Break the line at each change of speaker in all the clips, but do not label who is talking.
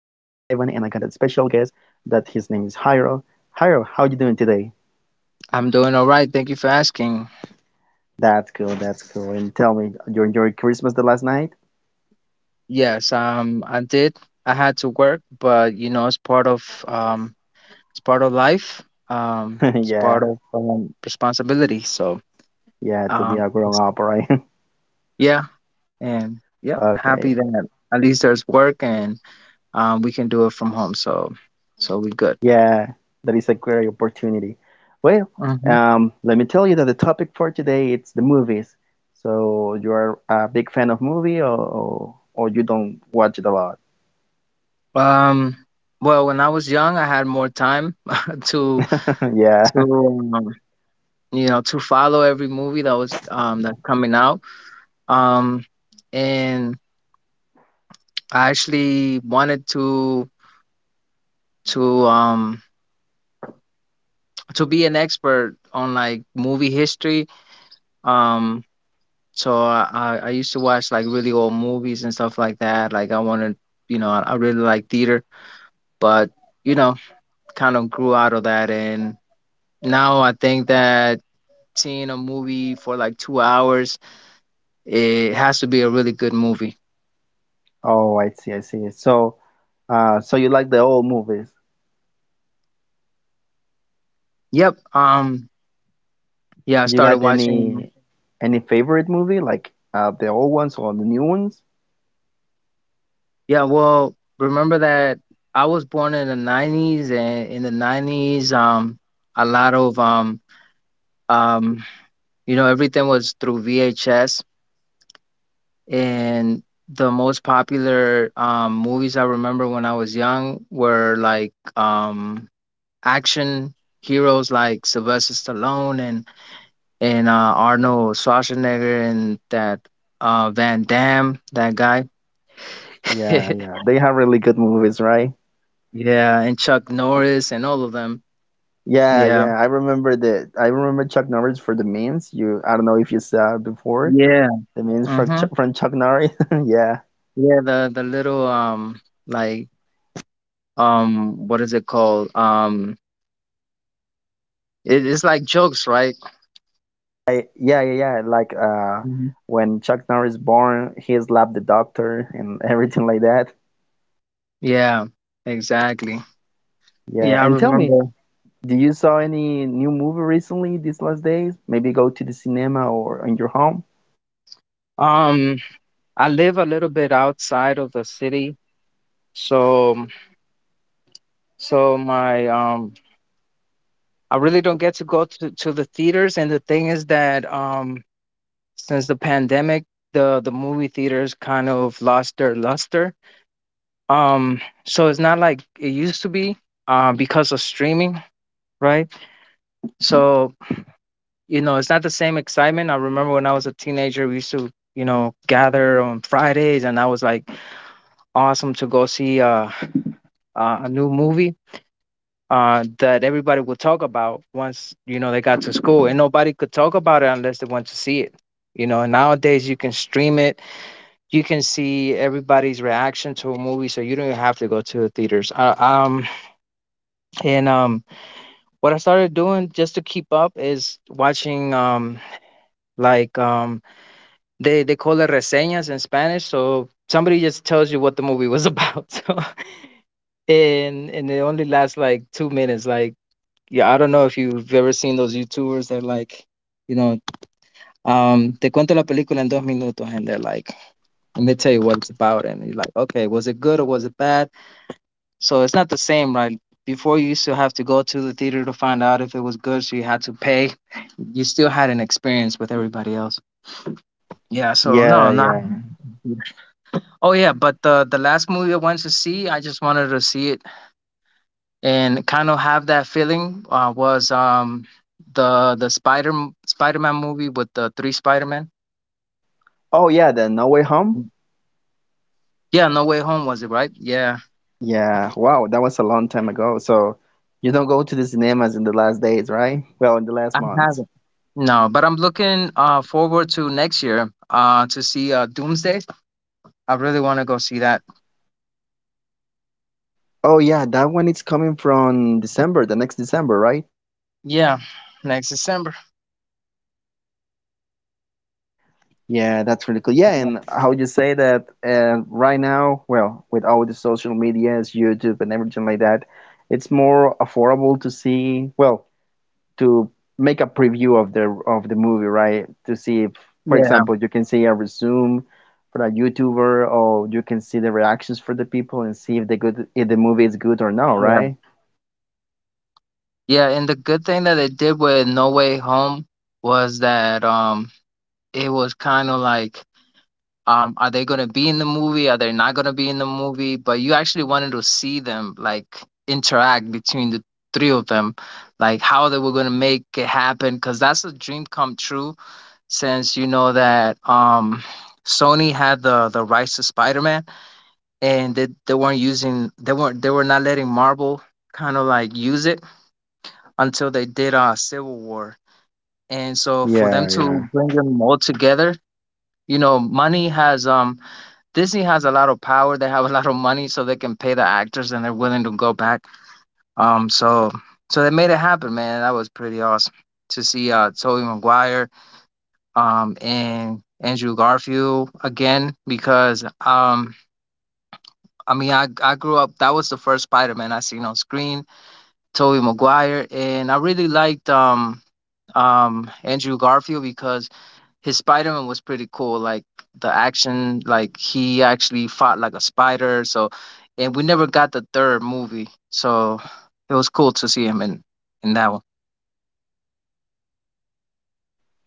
and I got a special guest that his name is Jairo. Jairo, how you doing today?
I'm doing all right. Thank you for asking.
That's cool, that's cool. And tell me, you enjoyed Christmas the last night?
Yes, I did. I had to work, but you know, it's part of life. It's part
Yeah,
of responsibility.
yeah, to be
Um,
a
it's-
grown up, right?
yeah, and yep, happy
Okay.
that at least there's work and we can do it from home. So we good.
Yeah, that is a great opportunity. Well,
hmm
let me tell you that the topic for today it's the movies. So you are a big fan of movie or you don't watch it a lot?
Um, well, when I was young, I had more time to
Yeah.
to you know to follow every movie that was that's coming out um and I actually wanted to to um to be an expert on like movie history, um so I used to watch like really old movies and stuff like that. Like I wanted, you know, I really like theater, but you know, kind of grew out of that. And now I think that seeing a movie for like 2 hours, it has to be a really good movie.
Oh, I see, I see. So So you like the old movies?
yep um yeah, I
You
started
got
watching.
any favorite movie like the old ones or the new ones?
Yeah, well, remember that I was born in the 90s, and in the 90s a lot of um you know, everything was through VHS, and the most popular movies I remember when I was young were like action heroes like Sylvester Stallone and Arnold Schwarzenegger and that Van Damme, that guy.
Yeah, yeah, they have really good movies, right?
Yeah, and Chuck Norris and all of them.
Yeah,
Yeah.
yeah. I remember Chuck Norris for the memes. You I don't know if you saw it before
Yeah.
the memes
Mhm.
from Chuck Norris. Yeah,
Yeah, the little like what is it called? It's like jokes, right?
I, yeah, yeah, yeah. Like
Mhm.
when Chuck Norris born, he slapped the doctor and everything like that.
Yeah, exactly.
Yeah,
Yeah, I
and tell me,
remember.
do you saw any new movie recently these last days? Maybe go to the cinema or in your home?
Um I live a little bit outside of the city, so so my I really don't get to go to the theaters. And the thing is that since the pandemic, the movie theaters kind of lost their luster. So it's not like it used to be, because of streaming, right? So, you know, it's not the same excitement. I remember when I was a teenager, we used to, you know, gather on Fridays, and that was like awesome to go see a new movie, that everybody would talk about once, you know, they got to school. And nobody could talk about it unless they went to see it. You know, and nowadays you can stream it. You can see everybody's reaction to a movie, so you don't even have to go to the theaters. And what I started doing just to keep up is watching like they call it reseñas in Spanish, so somebody just tells you what the movie was about. So and it only lasts like 2 minutes. Like yeah, I don't know if you've ever seen those YouTubers that like, you know, te cuento la película en dos minutos, and they're like, let me tell you what it's about. And you're like, okay, was it good or was it bad? So it's not the same, right? Before, you used to have to go to the theater to find out if it was good, so you had to pay. You still had an experience with everybody else. Yeah, so no,
Yeah,
I'm not.
yeah.
Oh yeah, but the last movie I went to see, I just wanted to see it and kind of have that feeling. Was the Spider Man movie with the three Spider Man?
Oh yeah, the No Way Home?
Yeah, No Way Home was it, right? Yeah,
Yeah. Wow, that was a long time ago. So you don't go to the cinemas in the last days, right? Well, in the last
I
month.
haven't. No, but I'm looking forward to next year, to see Doomsday. I really want to go see that.
Oh yeah, that one is coming from December, the next December, right?
Yeah, next December.
Yeah, that's really cool. Yeah, and how would you say that right now, well, with all the social medias, YouTube and everything like that, it's more affordable to see, well, to make a preview of the movie, right? To see if, for
Yeah,
example, you can see a resume for a YouTuber, or you can see the reactions for the people and see if the good if the movie is good or not,
yeah.
right?
Yeah, and the good thing that it did with No Way Home was that it was kind of like, are they going to be in the movie? Are they not going to be in the movie? But you actually wanted to see them like interact between the three of them, like how they were going to make it happen, cuz that's a dream come true since you know that Sony had the rights to Spider-Man, and they weren't using they weren't they were not letting Marvel kind of like use it until they did a Civil War. And so for them
Yeah, yeah.
to bring them all together, you know, money has Disney has a lot of power. They have a lot of money, so they can pay the actors, and they're willing to go back. Um, so so they made it happen, man. That was pretty awesome to see Tobey Maguire and Andrew Garfield again, because I mean, I grew up, that was the first Spider Man I seen on screen, Tobey Maguire. And I really liked Andrew Garfield, because his Spider Man was pretty cool. Like the action, like he actually fought like a spider. So, and we never got the third movie, so it was cool to see him in that one.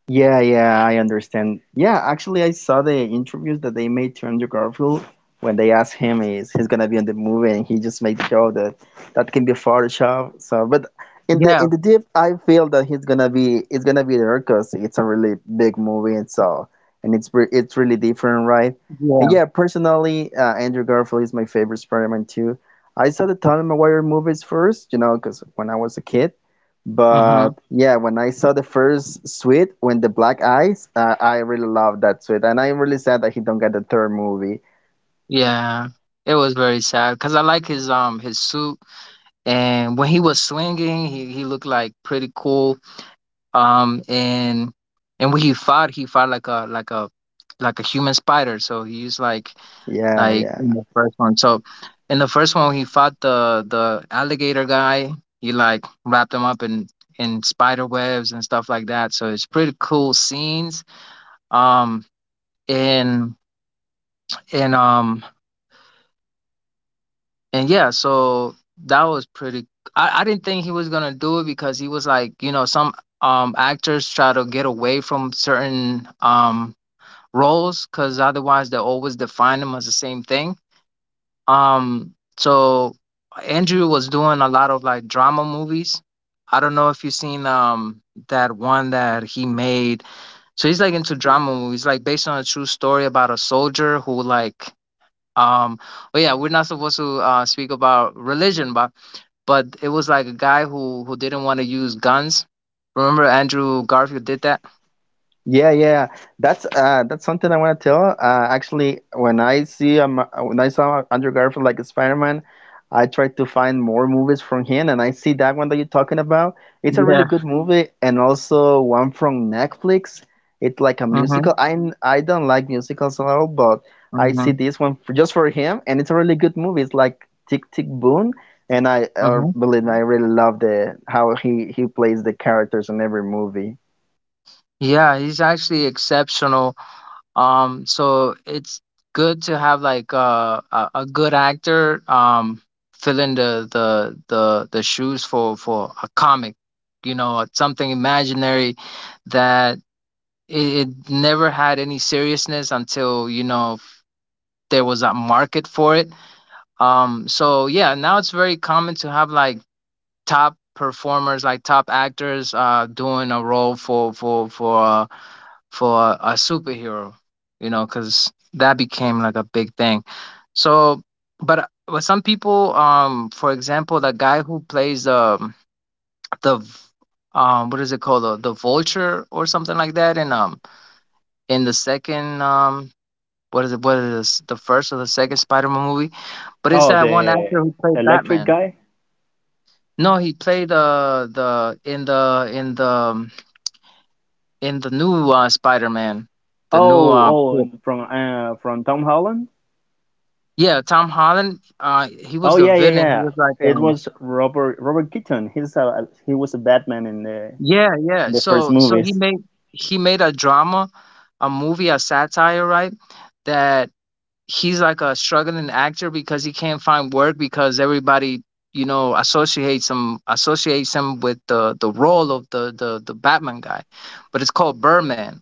Yeah, yeah, I understand. Yeah, actually, I saw the interviews that they made to Andrew Garfield when they asked him is he's gonna be in the movie, and he just made sure that that can be Photoshop. So, but
Yeah,
in the deep, I feel that he's gonna be it's gonna be there because it's a really big movie, and so and it's re it's really different, right? And
yeah,
yeah, personally, Andrew Garfield is my favorite Spider-Man too. I saw the Tobey Maguire movies first, you know, because when I was a kid. But
hmm
yeah, when I saw the first suite, when the Black Eyes, I really loved that suite, and I'm really sad that he don't get the third movie.
yeah. It was very sad because I like his suit, and when he was swinging, he looked like pretty cool. Um and and when he fought like a human spider. So he used like,
Yeah,
in
yeah.
the first one. So in the first one, he fought the alligator guy. He like wrapped him up in spider webs and stuff like that. So it's pretty cool scenes. Um, and and um and yeah, so that was pretty. I didn't think he was gonna do it because he was like, you know, some actors try to get away from certain roles, because otherwise they always define them as the same thing. So Andrew was doing a lot of like drama movies. I don't know if you've seen that one that he made. So he's like into drama movies, like based on a true story about a soldier who like um oh yeah, we're not supposed to speak about religion, but it was like a guy who didn't want to use guns. Remember Andrew Garfield did that?
Yeah, yeah, that's something I want to tell. Actually, when I see when I saw Andrew Garfield like Spider-Man, I tried to find more movies from him, and I see that one that you're talking about. It's a really
Yeah.
good movie, and also one from Netflix. It's like a musical.
Mm-hmm.
I don't like musicals at all, but I see
Mm-hmm.
this one for, just for him, and it's a really good movie. It's like Tick Tick Boom, and I
hmm
believe me, I really love the how he plays the characters in every movie.
Yeah, he's actually exceptional, so it's good to have like a good actor fill in the shoes for a comic, you know, something imaginary that it never had any seriousness until, you know, there was a market for it. So yeah, now it's very common to have like top performers, like top actors doing a role for for a superhero, you know, because that became like a big thing. So, but some people, for example, the guy who plays the what is it called, the vulture or something like that, in the second what is it, what is the first or the second Spider-Man movie, but it's
Oh,
that one
the
actor who played
electric
Batman.
guy?
No, he played the in the in the in the new, Spider-Man, the new
Oh, oh,
cool.
and from Tom Holland?
Yeah, Tom Holland, he was
Oh
the
yeah, yeah,
villain. He
yeah.
was like,
It was Robert Keaton. He was a Batman
yeah.
in the first
So
movies.
he made a drama, a movie, a satire, right? That he's like a struggling actor because he can't find work because everybody, you know, associates him with the role of the Batman guy, but it's called Birdman,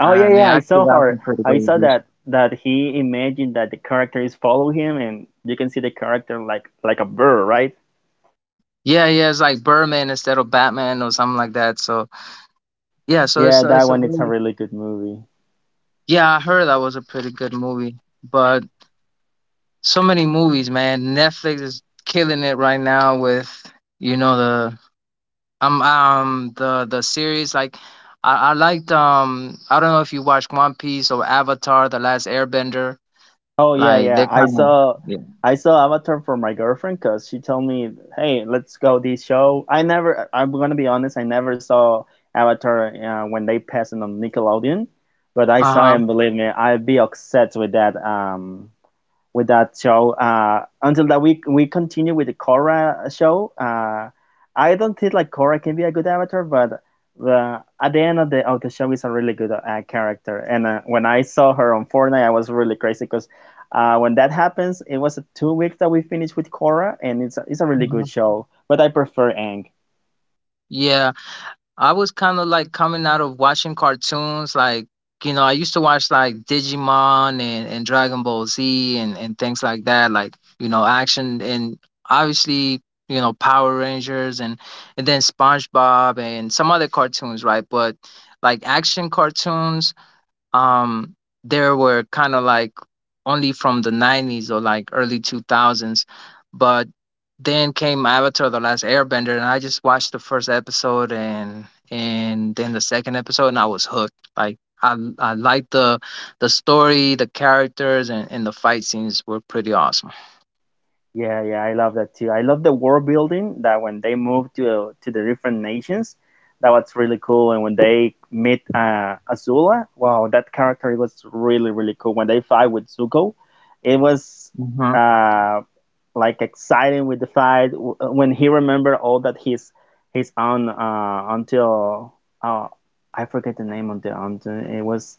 Oh yeah,
and it
yeah. I
actually
saw
got some
her.
pretty good
I saw
reviews.
that he imagined that the characters follow him, and you can see the character like a bird, right?
Yeah, yeah, it's like Birdman instead of Batman or something like that. So yeah, so it's
Yeah, that
it's a
one. It's a
really.
really good movie.
Yeah, I heard that was a pretty good movie. But so many movies, man. Netflix is killing it right now with, you know, the series like I liked I don't know if you watched One Piece or Avatar: The Last Airbender.
Oh yeah,
Like
yeah.
they kind of yeah.
I saw Avatar for my girlfriend because she told me, "Hey, let's go this show." I never. I'm gonna be honest. I never saw Avatar when they passed it on Nickelodeon, but I
Uh
saw it and
huh.
believe me, I'd be upset with that. With that show until that we continue with the Korra show. I don't think like Korra can be a good avatar, but the, at the end of the show is a really good character. And when I saw her on Fortnite, I was really crazy because when that happens, it was 2 weeks that we finished with Korra, and it's a really good show. But I prefer Aang.
Yeah, I was kind of like coming out of watching cartoons. Like, you know, I used to watch like Digimon, and Dragon Ball Z, and things like that, like, you know, action, and obviously, you know, Power Rangers, and then SpongeBob and some other cartoons, right? But like action cartoons, um there were kind of like only from the 90s or like early 2000s. But then came Avatar: The Last Airbender, and I just watched the first episode, and then the second episode, and I was hooked. Like I liked the story, the characters, and the fight scenes were pretty awesome.
Yeah, yeah, I love that too. I love the world building that when they move to the different nations, that was really cool. And when they meet Azula, wow, that character was really really cool. When they fight with Zuko, it was
hmm
uh, like exciting with the fight when he remembered all that his on until uh, I forget the name of the aunt. It was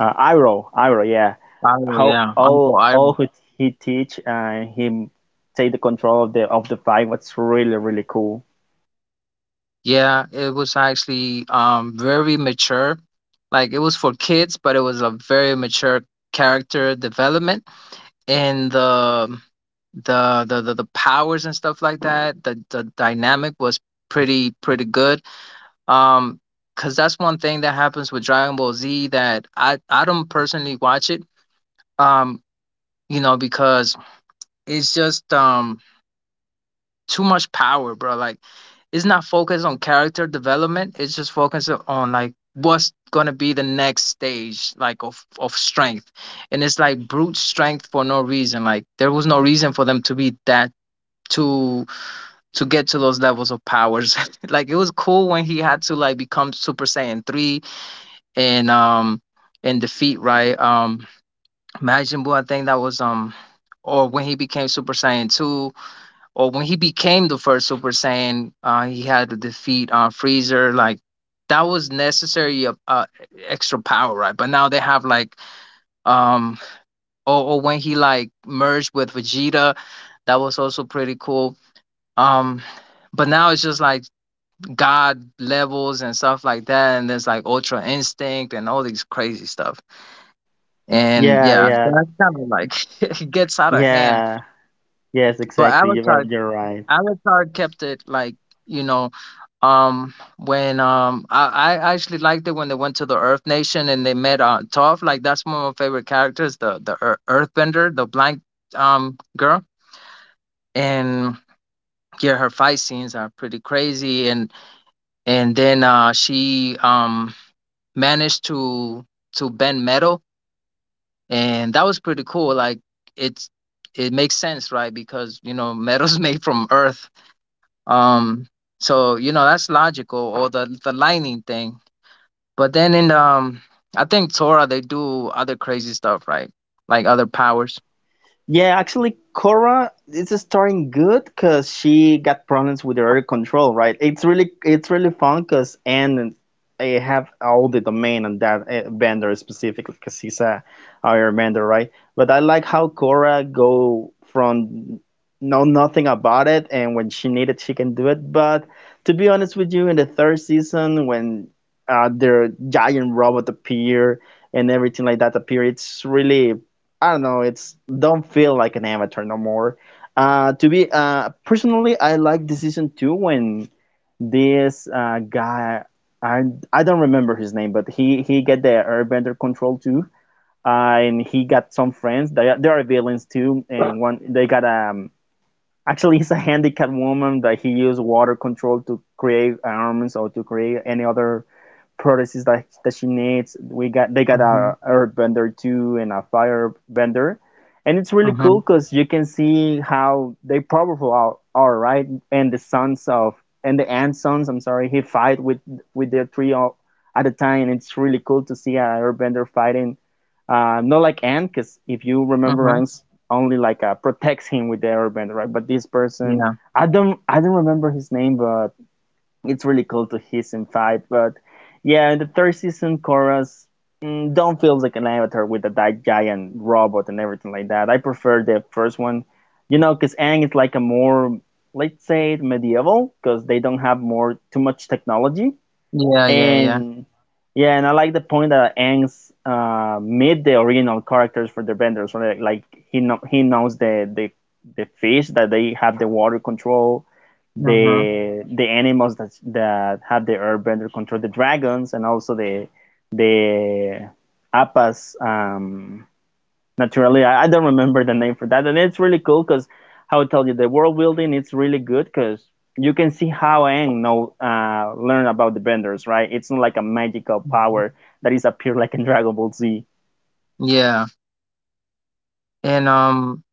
Iro, yeah.
oh
How
yeah, uncle.
all who he teach and him take the control of the fight what's really really cool.
Yeah, it was actually very mature. Like it was for kids, but it was a very mature character development, and the powers and stuff like that. The dynamic was pretty pretty good. Um Cuz that's one thing that happens with Dragon Ball Z that I don't personally watch it. Um you know because it's just too much power, bro. Like it's not focused on character development. It's just focused on like what's gonna be the next stage, like of strength. And it's like brute strength for no reason. Like there was no reason for them to be that to to get to those levels of powers. Like it was cool when he had to like become Super Saiyan three and and defeat, right, Majin Buu. I think that was or when he became Super Saiyan two, or when he became the first Super Saiyan, he had to defeat Freezer. Like that was necessary of extra power, right? But now they have like um, or when he like merged with Vegeta, that was also pretty cool. Um, but now it's just like God levels and stuff like that, and there's like Ultra Instinct and all these crazy stuff. And
Yeah,
yeah, so
yeah,
that's kind of like it gets out of hand.
yeah. Yes,
But
exactly. You are
Avatar,
you're right.
Avatar kept it like, you know I actually liked it when they went to the Earth Nation and they met Toph. Like that's one of my favorite characters, the Earthbender, the blind girl. And yeah, her fight scenes are pretty crazy. And then she managed to bend metal, and that was pretty cool. Like it's, it makes sense, right? Because you know, metal's made from earth. Um so you know that's logical, or the lightning thing. But then in I think Torah, they do other crazy stuff, right? Like other powers.
Yeah, actually, Cora is starting good because she got problems with her control, right? It's really fun because Anne have all the domain on that bender specifically because he's a airbender, right? But I like how Cora go from know nothing about it and when she need it, she can do it. But to be honest with you, in the third season when their giant robot appear and everything like that appear, it's really I don't know, it's don't feel like an avatar no more. To be personally, I like the season two when this guy I I don't remember his name, but he get the Airbender control too, and he got some friends. They are villains too, and one they got actually he's a handicapped woman that he used water control to create arms or to create any other products that, that she needs. We got they got
Mhm.
a herb vendor too and a fire vendor, and it's really
Mhm.
cool because you can see how they powerful are right and the sons of and the grandsons. I'm sorry, he fight with the three of, at a time. And it's really cool to see a airbender fighting. Not like Ant, because if you remember,
Mhm.
Ant's only like protects him with the airbender, right? But this person,
Yeah,
I don't remember his name, but it's really cool to hear him fight. But yeah, in the third season, Korra's not feel like an avatar with a giant robot and everything like that. I prefer the first one, you know, because Aang is like a more, let's say, medieval, because they don't have more too much technology.
yeah, yeah, yeah.
And yeah, and I like the point that Aang's meet the original characters for the vendors. So like he know, he knows the fish that they have the water control,
Mhm.
the animals that that have the airbender control, the dragons, and also the appas naturally, I don't remember the name for that, and it's really cool because how I tell you the world building it's really good because you can see how Aang know learn about the benders, right? It's not like a magical
Mhm.
power that is appear like in Dragon Ball Z.
Yeah. And um,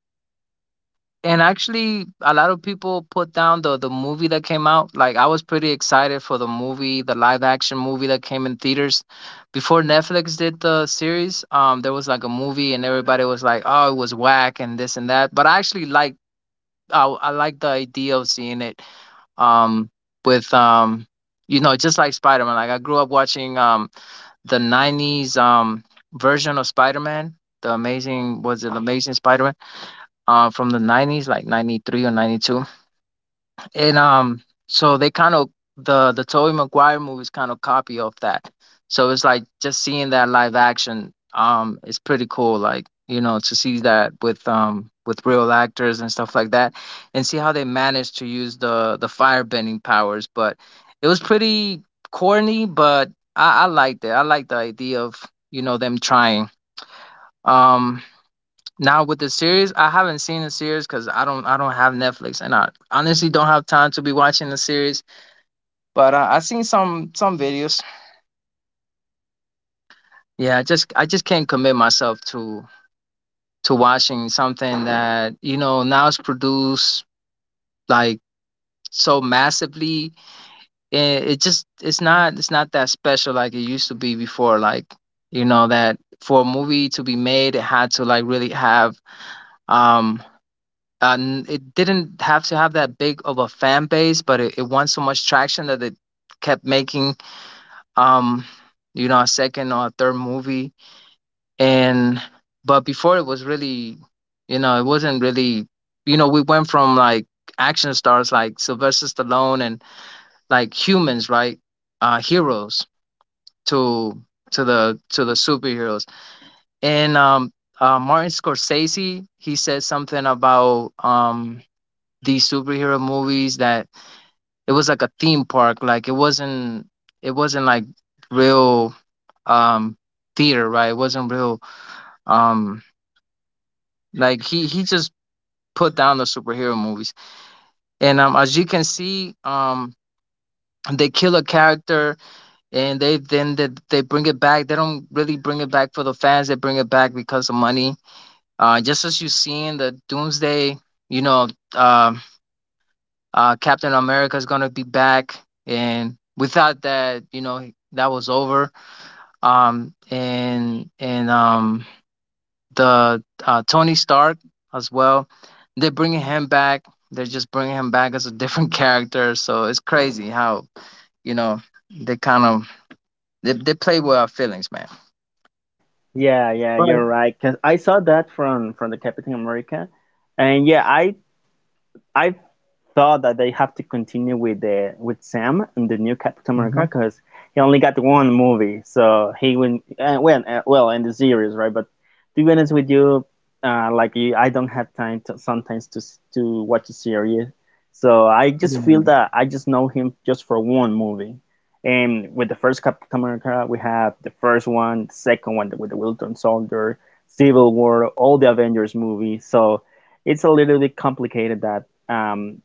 and actually, a lot of people put down the movie that came out. Like I was pretty excited for the movie, the live action movie that came in theaters before Netflix did the series. There was like a movie, and everybody was like, "Oh, it was whack," and this and that. But I actually like. I like the idea of seeing it um with you know, just like Spider-Man. Like I grew up watching the 90s version of Spider-Man, the Amazing, was it the Amazing Spider-Man, from the 90s, like 93 or 92, and so they kind of, the Tobey Maguire movies kind of copy of that. So it's like just seeing that live action is pretty cool. Like, you know, to see that with real actors and stuff like that, and see how they managed to use the fire bending powers. But it was pretty corny, but I liked it. I liked the idea of you know them trying. Um, Now with the series, I haven't seen the series because I don't have Netflix and I honestly don't have time to be watching the series. But I seen some videos. Yeah, I just can't commit myself to watching something that you know now is produced like so massively. It, it just it's not that special like it used to be before. Like you know that for a movie to be made, it had to like really have um and it didn't have to have that big of a fan base, but it won so much traction that it kept making um you know a second or a third movie. And but before it was really, you know, it wasn't really, you know, we went from like action stars like Sylvester Stallone and like humans, right, heroes, to to the superheroes. And Martin Scorsese, he said something about these superhero movies, that it was like a theme park, like it wasn't, like real um theater, right? It wasn't real um like. He just put down the superhero movies. And As you can see, they kill a character and they then they bring it back. They don't really bring it back for the fans, they bring it back because of money, just as you see in the Doomsday, you know. um Captain America is gonna be back, and we thought that you know that was over. And The Tony Stark as well. They're bringing him back. They're just bringing him back as a different character. So it's crazy how you know they kind of they play with our feelings, man.
Yeah, yeah, you're
Right.
right. Cause I saw that from the Captain America, and yeah, I thought that they have to continue with the with Sam and the new Captain America because he only got one movie, so he went well in the series, right? But to be honest with you, like you, I don't have time to, sometimes to watch a series, so I just feel
Hmm.
that I just know him just for one movie. And with the first Captain America, we have the first one, the second one with the Wilton Soldier, Civil War, all the Avengers movies. So it's a little bit complicated that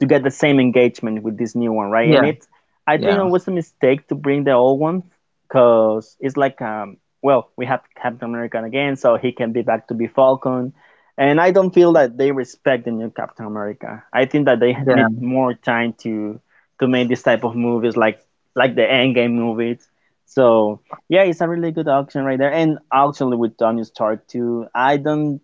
to get the same engagement with this new one, right? And
Yeah,
it, I think
yeah,
it was a mistake to bring the old one because it's like, well, we have Captain America again, so he can be back to be Falcon. And I don't feel that they respect the new Captain America. I think that they need
yeah,
more time to make this type of movies like the Endgame movies. So yeah, it's a really good auction right there, and actually with Tony Stark too. I don't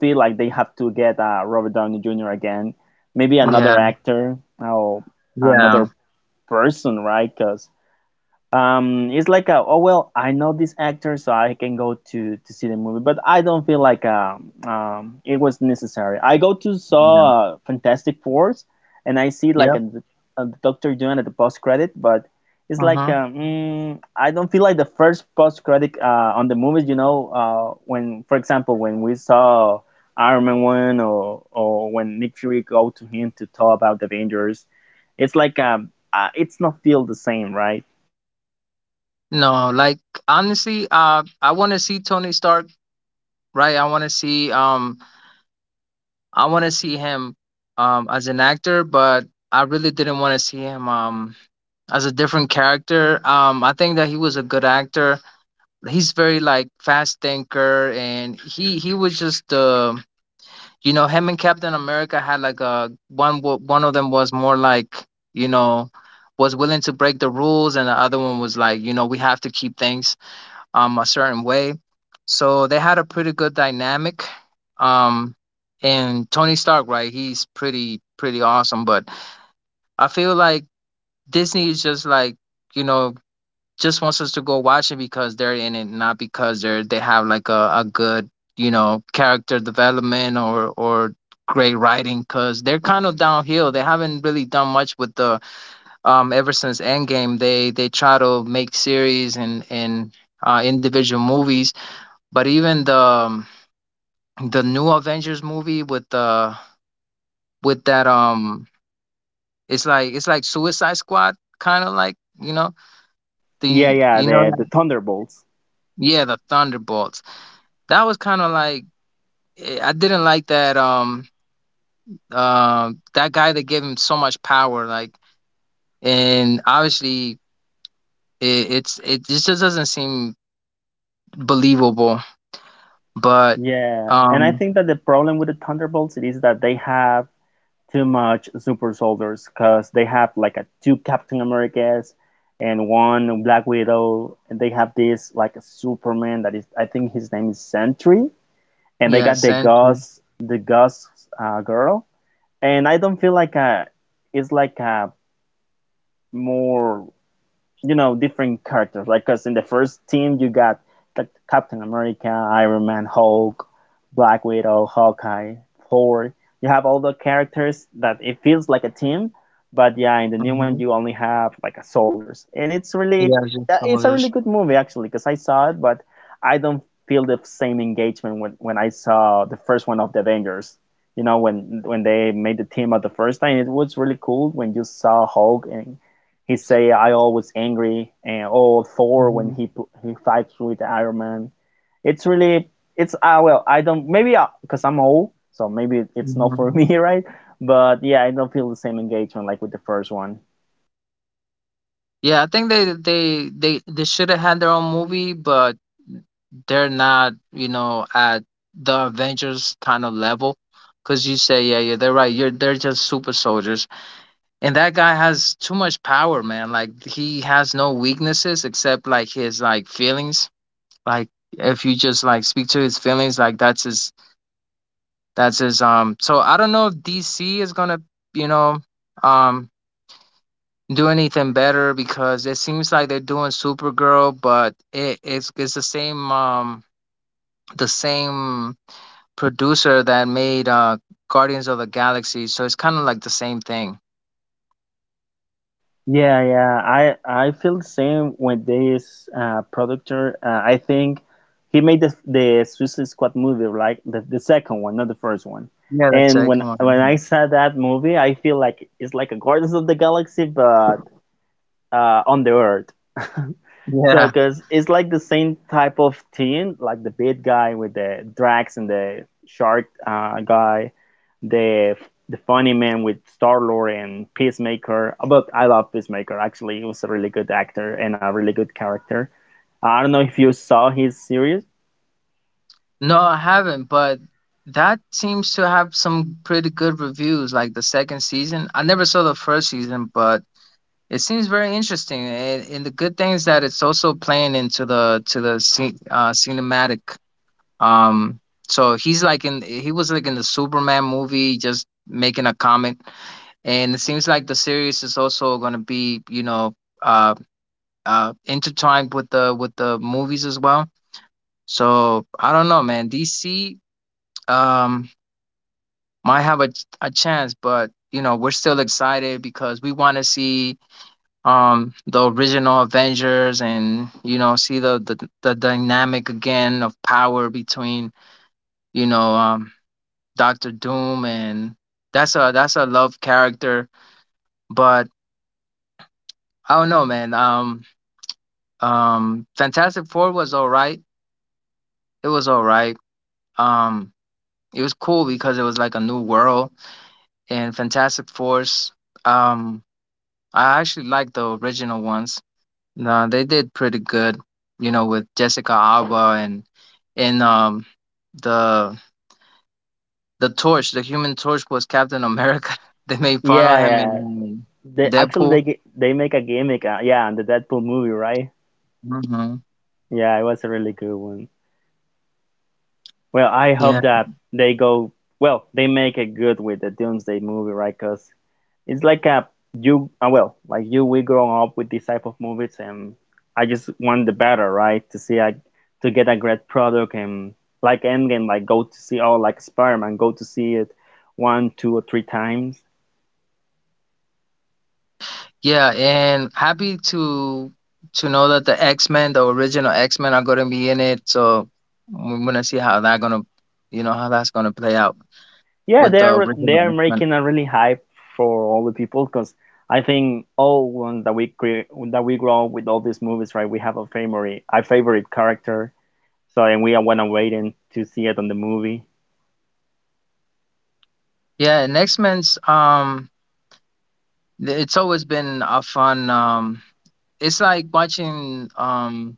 feel like they have to get Robert Downey Jr. again, maybe
yeah,
another
yeah,
actor or
yeah,
another person, right? Because it's like a oh, well, I know this actor, so I can go to see the movie, but I don't feel like it was necessary. I go to
yeah.
saw Fantastic Fours, and I see like
Yep.
a Doctor Doom at the post credit, but it's like
Uh-huh.
I don't feel like the first post credit on the movies when, for example, when we saw Iron Man 1 or when Nick Fury go to him to talk about the Avengers. It's like it's not feel the same, right?
No, like honestly, I want to see Tony Stark. Right, I want to see I want to see him as an actor, but I really didn't want to see him as a different character. I think that he was a good actor. He's very like fast thinker, and he was just you know, him and Captain America had like a one of them was more like, you know, was willing to break the rules, and the other one was like, you know, we have to keep things a certain way. So they had a pretty good dynamic. Um, and Tony Stark, right? He's pretty pretty awesome. But I feel like Disney is just like you know just wants us to go watch it because they're in it, not because they have like a good you know character development or great writing, because they're kind of downhill. They haven't really done much with the ever since Endgame. They try to make series and individual movies, but even the new Avengers movie with the with that it's like, it's like Suicide Squad, kind of like, you know,
Yeah,
the
yeah,
you
the
know,
Thunderbolts.
yeah, the Thunderbolts. That was kind of like eh, I didn't like that that guy that gave him so much power, like, and obviously it just doesn't seem believable. But
Yeah, and I
um
think that the problem with the Thunderbolts it is that they have too much super soldiers, because they have like a two Captain Americas and one Black Widow, and they have this like a Superman that is, I think his name is Sentry, and they
yeah,
got the
Sentry.
Gus the Gus girl. And I don't feel like a it's like a more, you know, different characters, like because in the first team you got Captain America, Iron Man, Hulk, Black Widow, Hawkeye, Thor. You have all the characters that it feels like a team. But yeah, in the new one
Hmm.
you only have like a soldiers, and it's really
Yeah, just
it's a really
soldiers.
good movie actually, because I saw it. But I don't feel the same engagement when I saw the first one of the Avengers, you know, when they made the team at the first time. It was really cool when you saw Hulk and he say I always angry, and oh, Thor when
Hmm.
he fights with Iron Man. It's really it's I well I don't, maybe because I'm old, so maybe it's not for me, right? But yeah, I don't feel the same engagement like with the first one.
Yeah, I think they should have had their own movie, but they're not, you know, at the Avengers kind of level. Cause you say, yeah, yeah, they're right. You're they're just super soldiers, and that guy has too much power, man. Like he has no weaknesses except like his like feelings. Like if you just like speak to his feelings, like that's his. So I don't know if DC is gonna, you know, um, do anything better, because it seems like they're doing Supergirl, but it's the same producer that made Guardians of the Galaxy, so it's kind of like the same thing.
Yeah, yeah, I feel the same with this productor. I think he made the Suicide Squad movie, like the second one, not the first one.
Yeah, that's
And
it.
when
Come on.
when I
Mhm.
saw that movie, I feel like it's like a Guardians of the Galaxy, but on the earth. So,
Yeah.
because it's like the same type of team, like the big guy with the Drax and the shark guy, the the funny man with Star Lord and Peacemaker. But I love Peacemaker. Actually, he was a really good actor and a really good character. I don't know if you saw his series.
No, I haven't, but that seems to have some pretty good reviews. Like the second season, I never saw the first season, but it seems very interesting. And the good thing is that it's also playing into the cinematic. Um, so he's like in, he was like in the Superman movie, just making a comment, and it seems like the series is also going to be you know uh, intertwined with the movies as well. So I don't know, man. DC um, might have a a chance, but you know we're still excited because we want to see the original Avengers and you know see the dynamic again of power between you know Doctor Doom, and that's a, that's a love character. But I don't know, man. Fantastic Four was all right. It was all right. Um, it was cool because it was like a new world. And Fantastic Force, um, I actually like the original ones. No, they did pretty good. You know, with Jessica Alba and the Torch, the Human Torch was Captain America. They made fun
Yeah,
of him in
yeah. They actually
Deadpool.
they ge- they make a gimmick. Yeah, in the Deadpool movie, right?
Mhm.
Yeah, it was a really good one. Well, I
Yeah,
hope that they go well. They make it good with the Doomsday movie, right? Because it's like a you well, like you we grow up with these type of movies, and I just want the better, right? To see to get a great product, and like Endgame, like go to see all, like Spider-Man, go to see it one, two, or three times.
yeah, and happy to know that the X-Men, the original X-Men, are gonna be in it. So we're gonna see how that gonna, you know, how that's gonna play out
Yeah,
with the
they're
original X-Men.
making a really hype for all the people, because I think all ones that we grow up with all these movies, right? We have a favorite character. So, and we are wanna waiting to see it on the movie.
Yeah, and X-Men's it's always been a fun it's like watching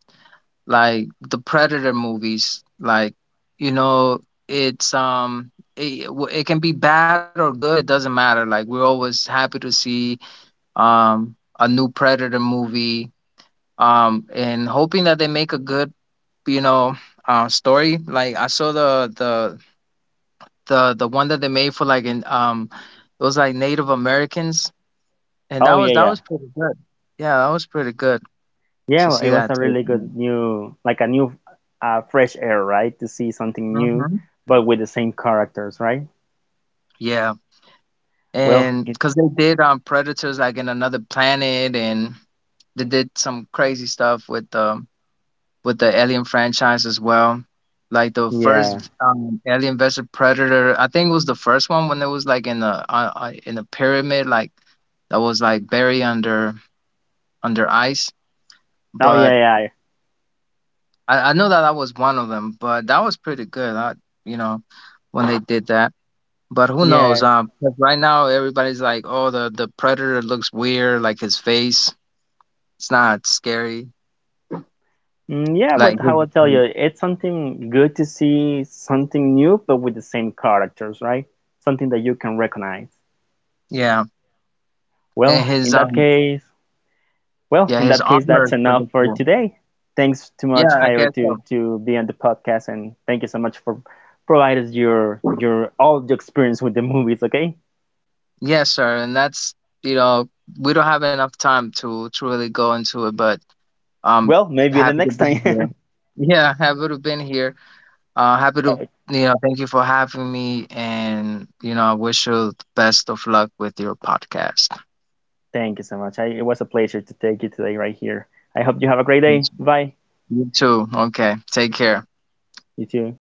like the Predator movies. Like, you know, it's it can be bad or good. It doesn't matter. Like we're always happy to see a new Predator movie, and hoping that they make a good, you know, story. Like I saw the one that they made for like in it was like Native Americans, and that
Oh
was,
yeah,
that
yeah,
was pretty good. Yeah, that was pretty good
yeah.
to
Well,
see
it was
that
a
take
really
on
good
it.
new, like a new, fresh air, right? To see something new
Mhm.
but with the same characters, right?
Yeah,
Well,
and
it,
because they did Predators like in another planet, and they did some crazy stuff with the Alien franchise as well. Like the
yeah.
first Alien vs Predator, I think it was the first one when it was like in the in a pyramid, like that was like buried under ice.
Oh
But
yeah, yeah,
I know that that was one of them. But that was pretty good, you know, when they did that. But who knows?
yes,
'Cause right now everybody's like, oh, the Predator looks weird. Like his face, it's not scary.
mm, yeah. But
Like
I
his,
will tell you, it's something good to see something new but with the same characters, right? Something that you can recognize.
yeah, and
Well, in
his
that case, Well,
yeah,
in
his
that case,
armor
that's
is pretty
enough for
cool.
today. Thanks too
Yeah,
much,
I
Hire,
guess
to
so.
to be on the podcast, and thank you so much for providing us your all your experience with the movies. Okay.
Yes, sir. And that's, you know, we don't have enough time to truly go into it, but um
Well, maybe the
happy to
next
be
time.
here. Yeah, happy to been here. Happy to
Uh,
you know, thank you for having me and you know, I wish you the best of luck with your podcast.
thank you so much. It was a pleasure to take you today right here. I hope you have a great day. Bye.
You too. Okay. Take care.
You too.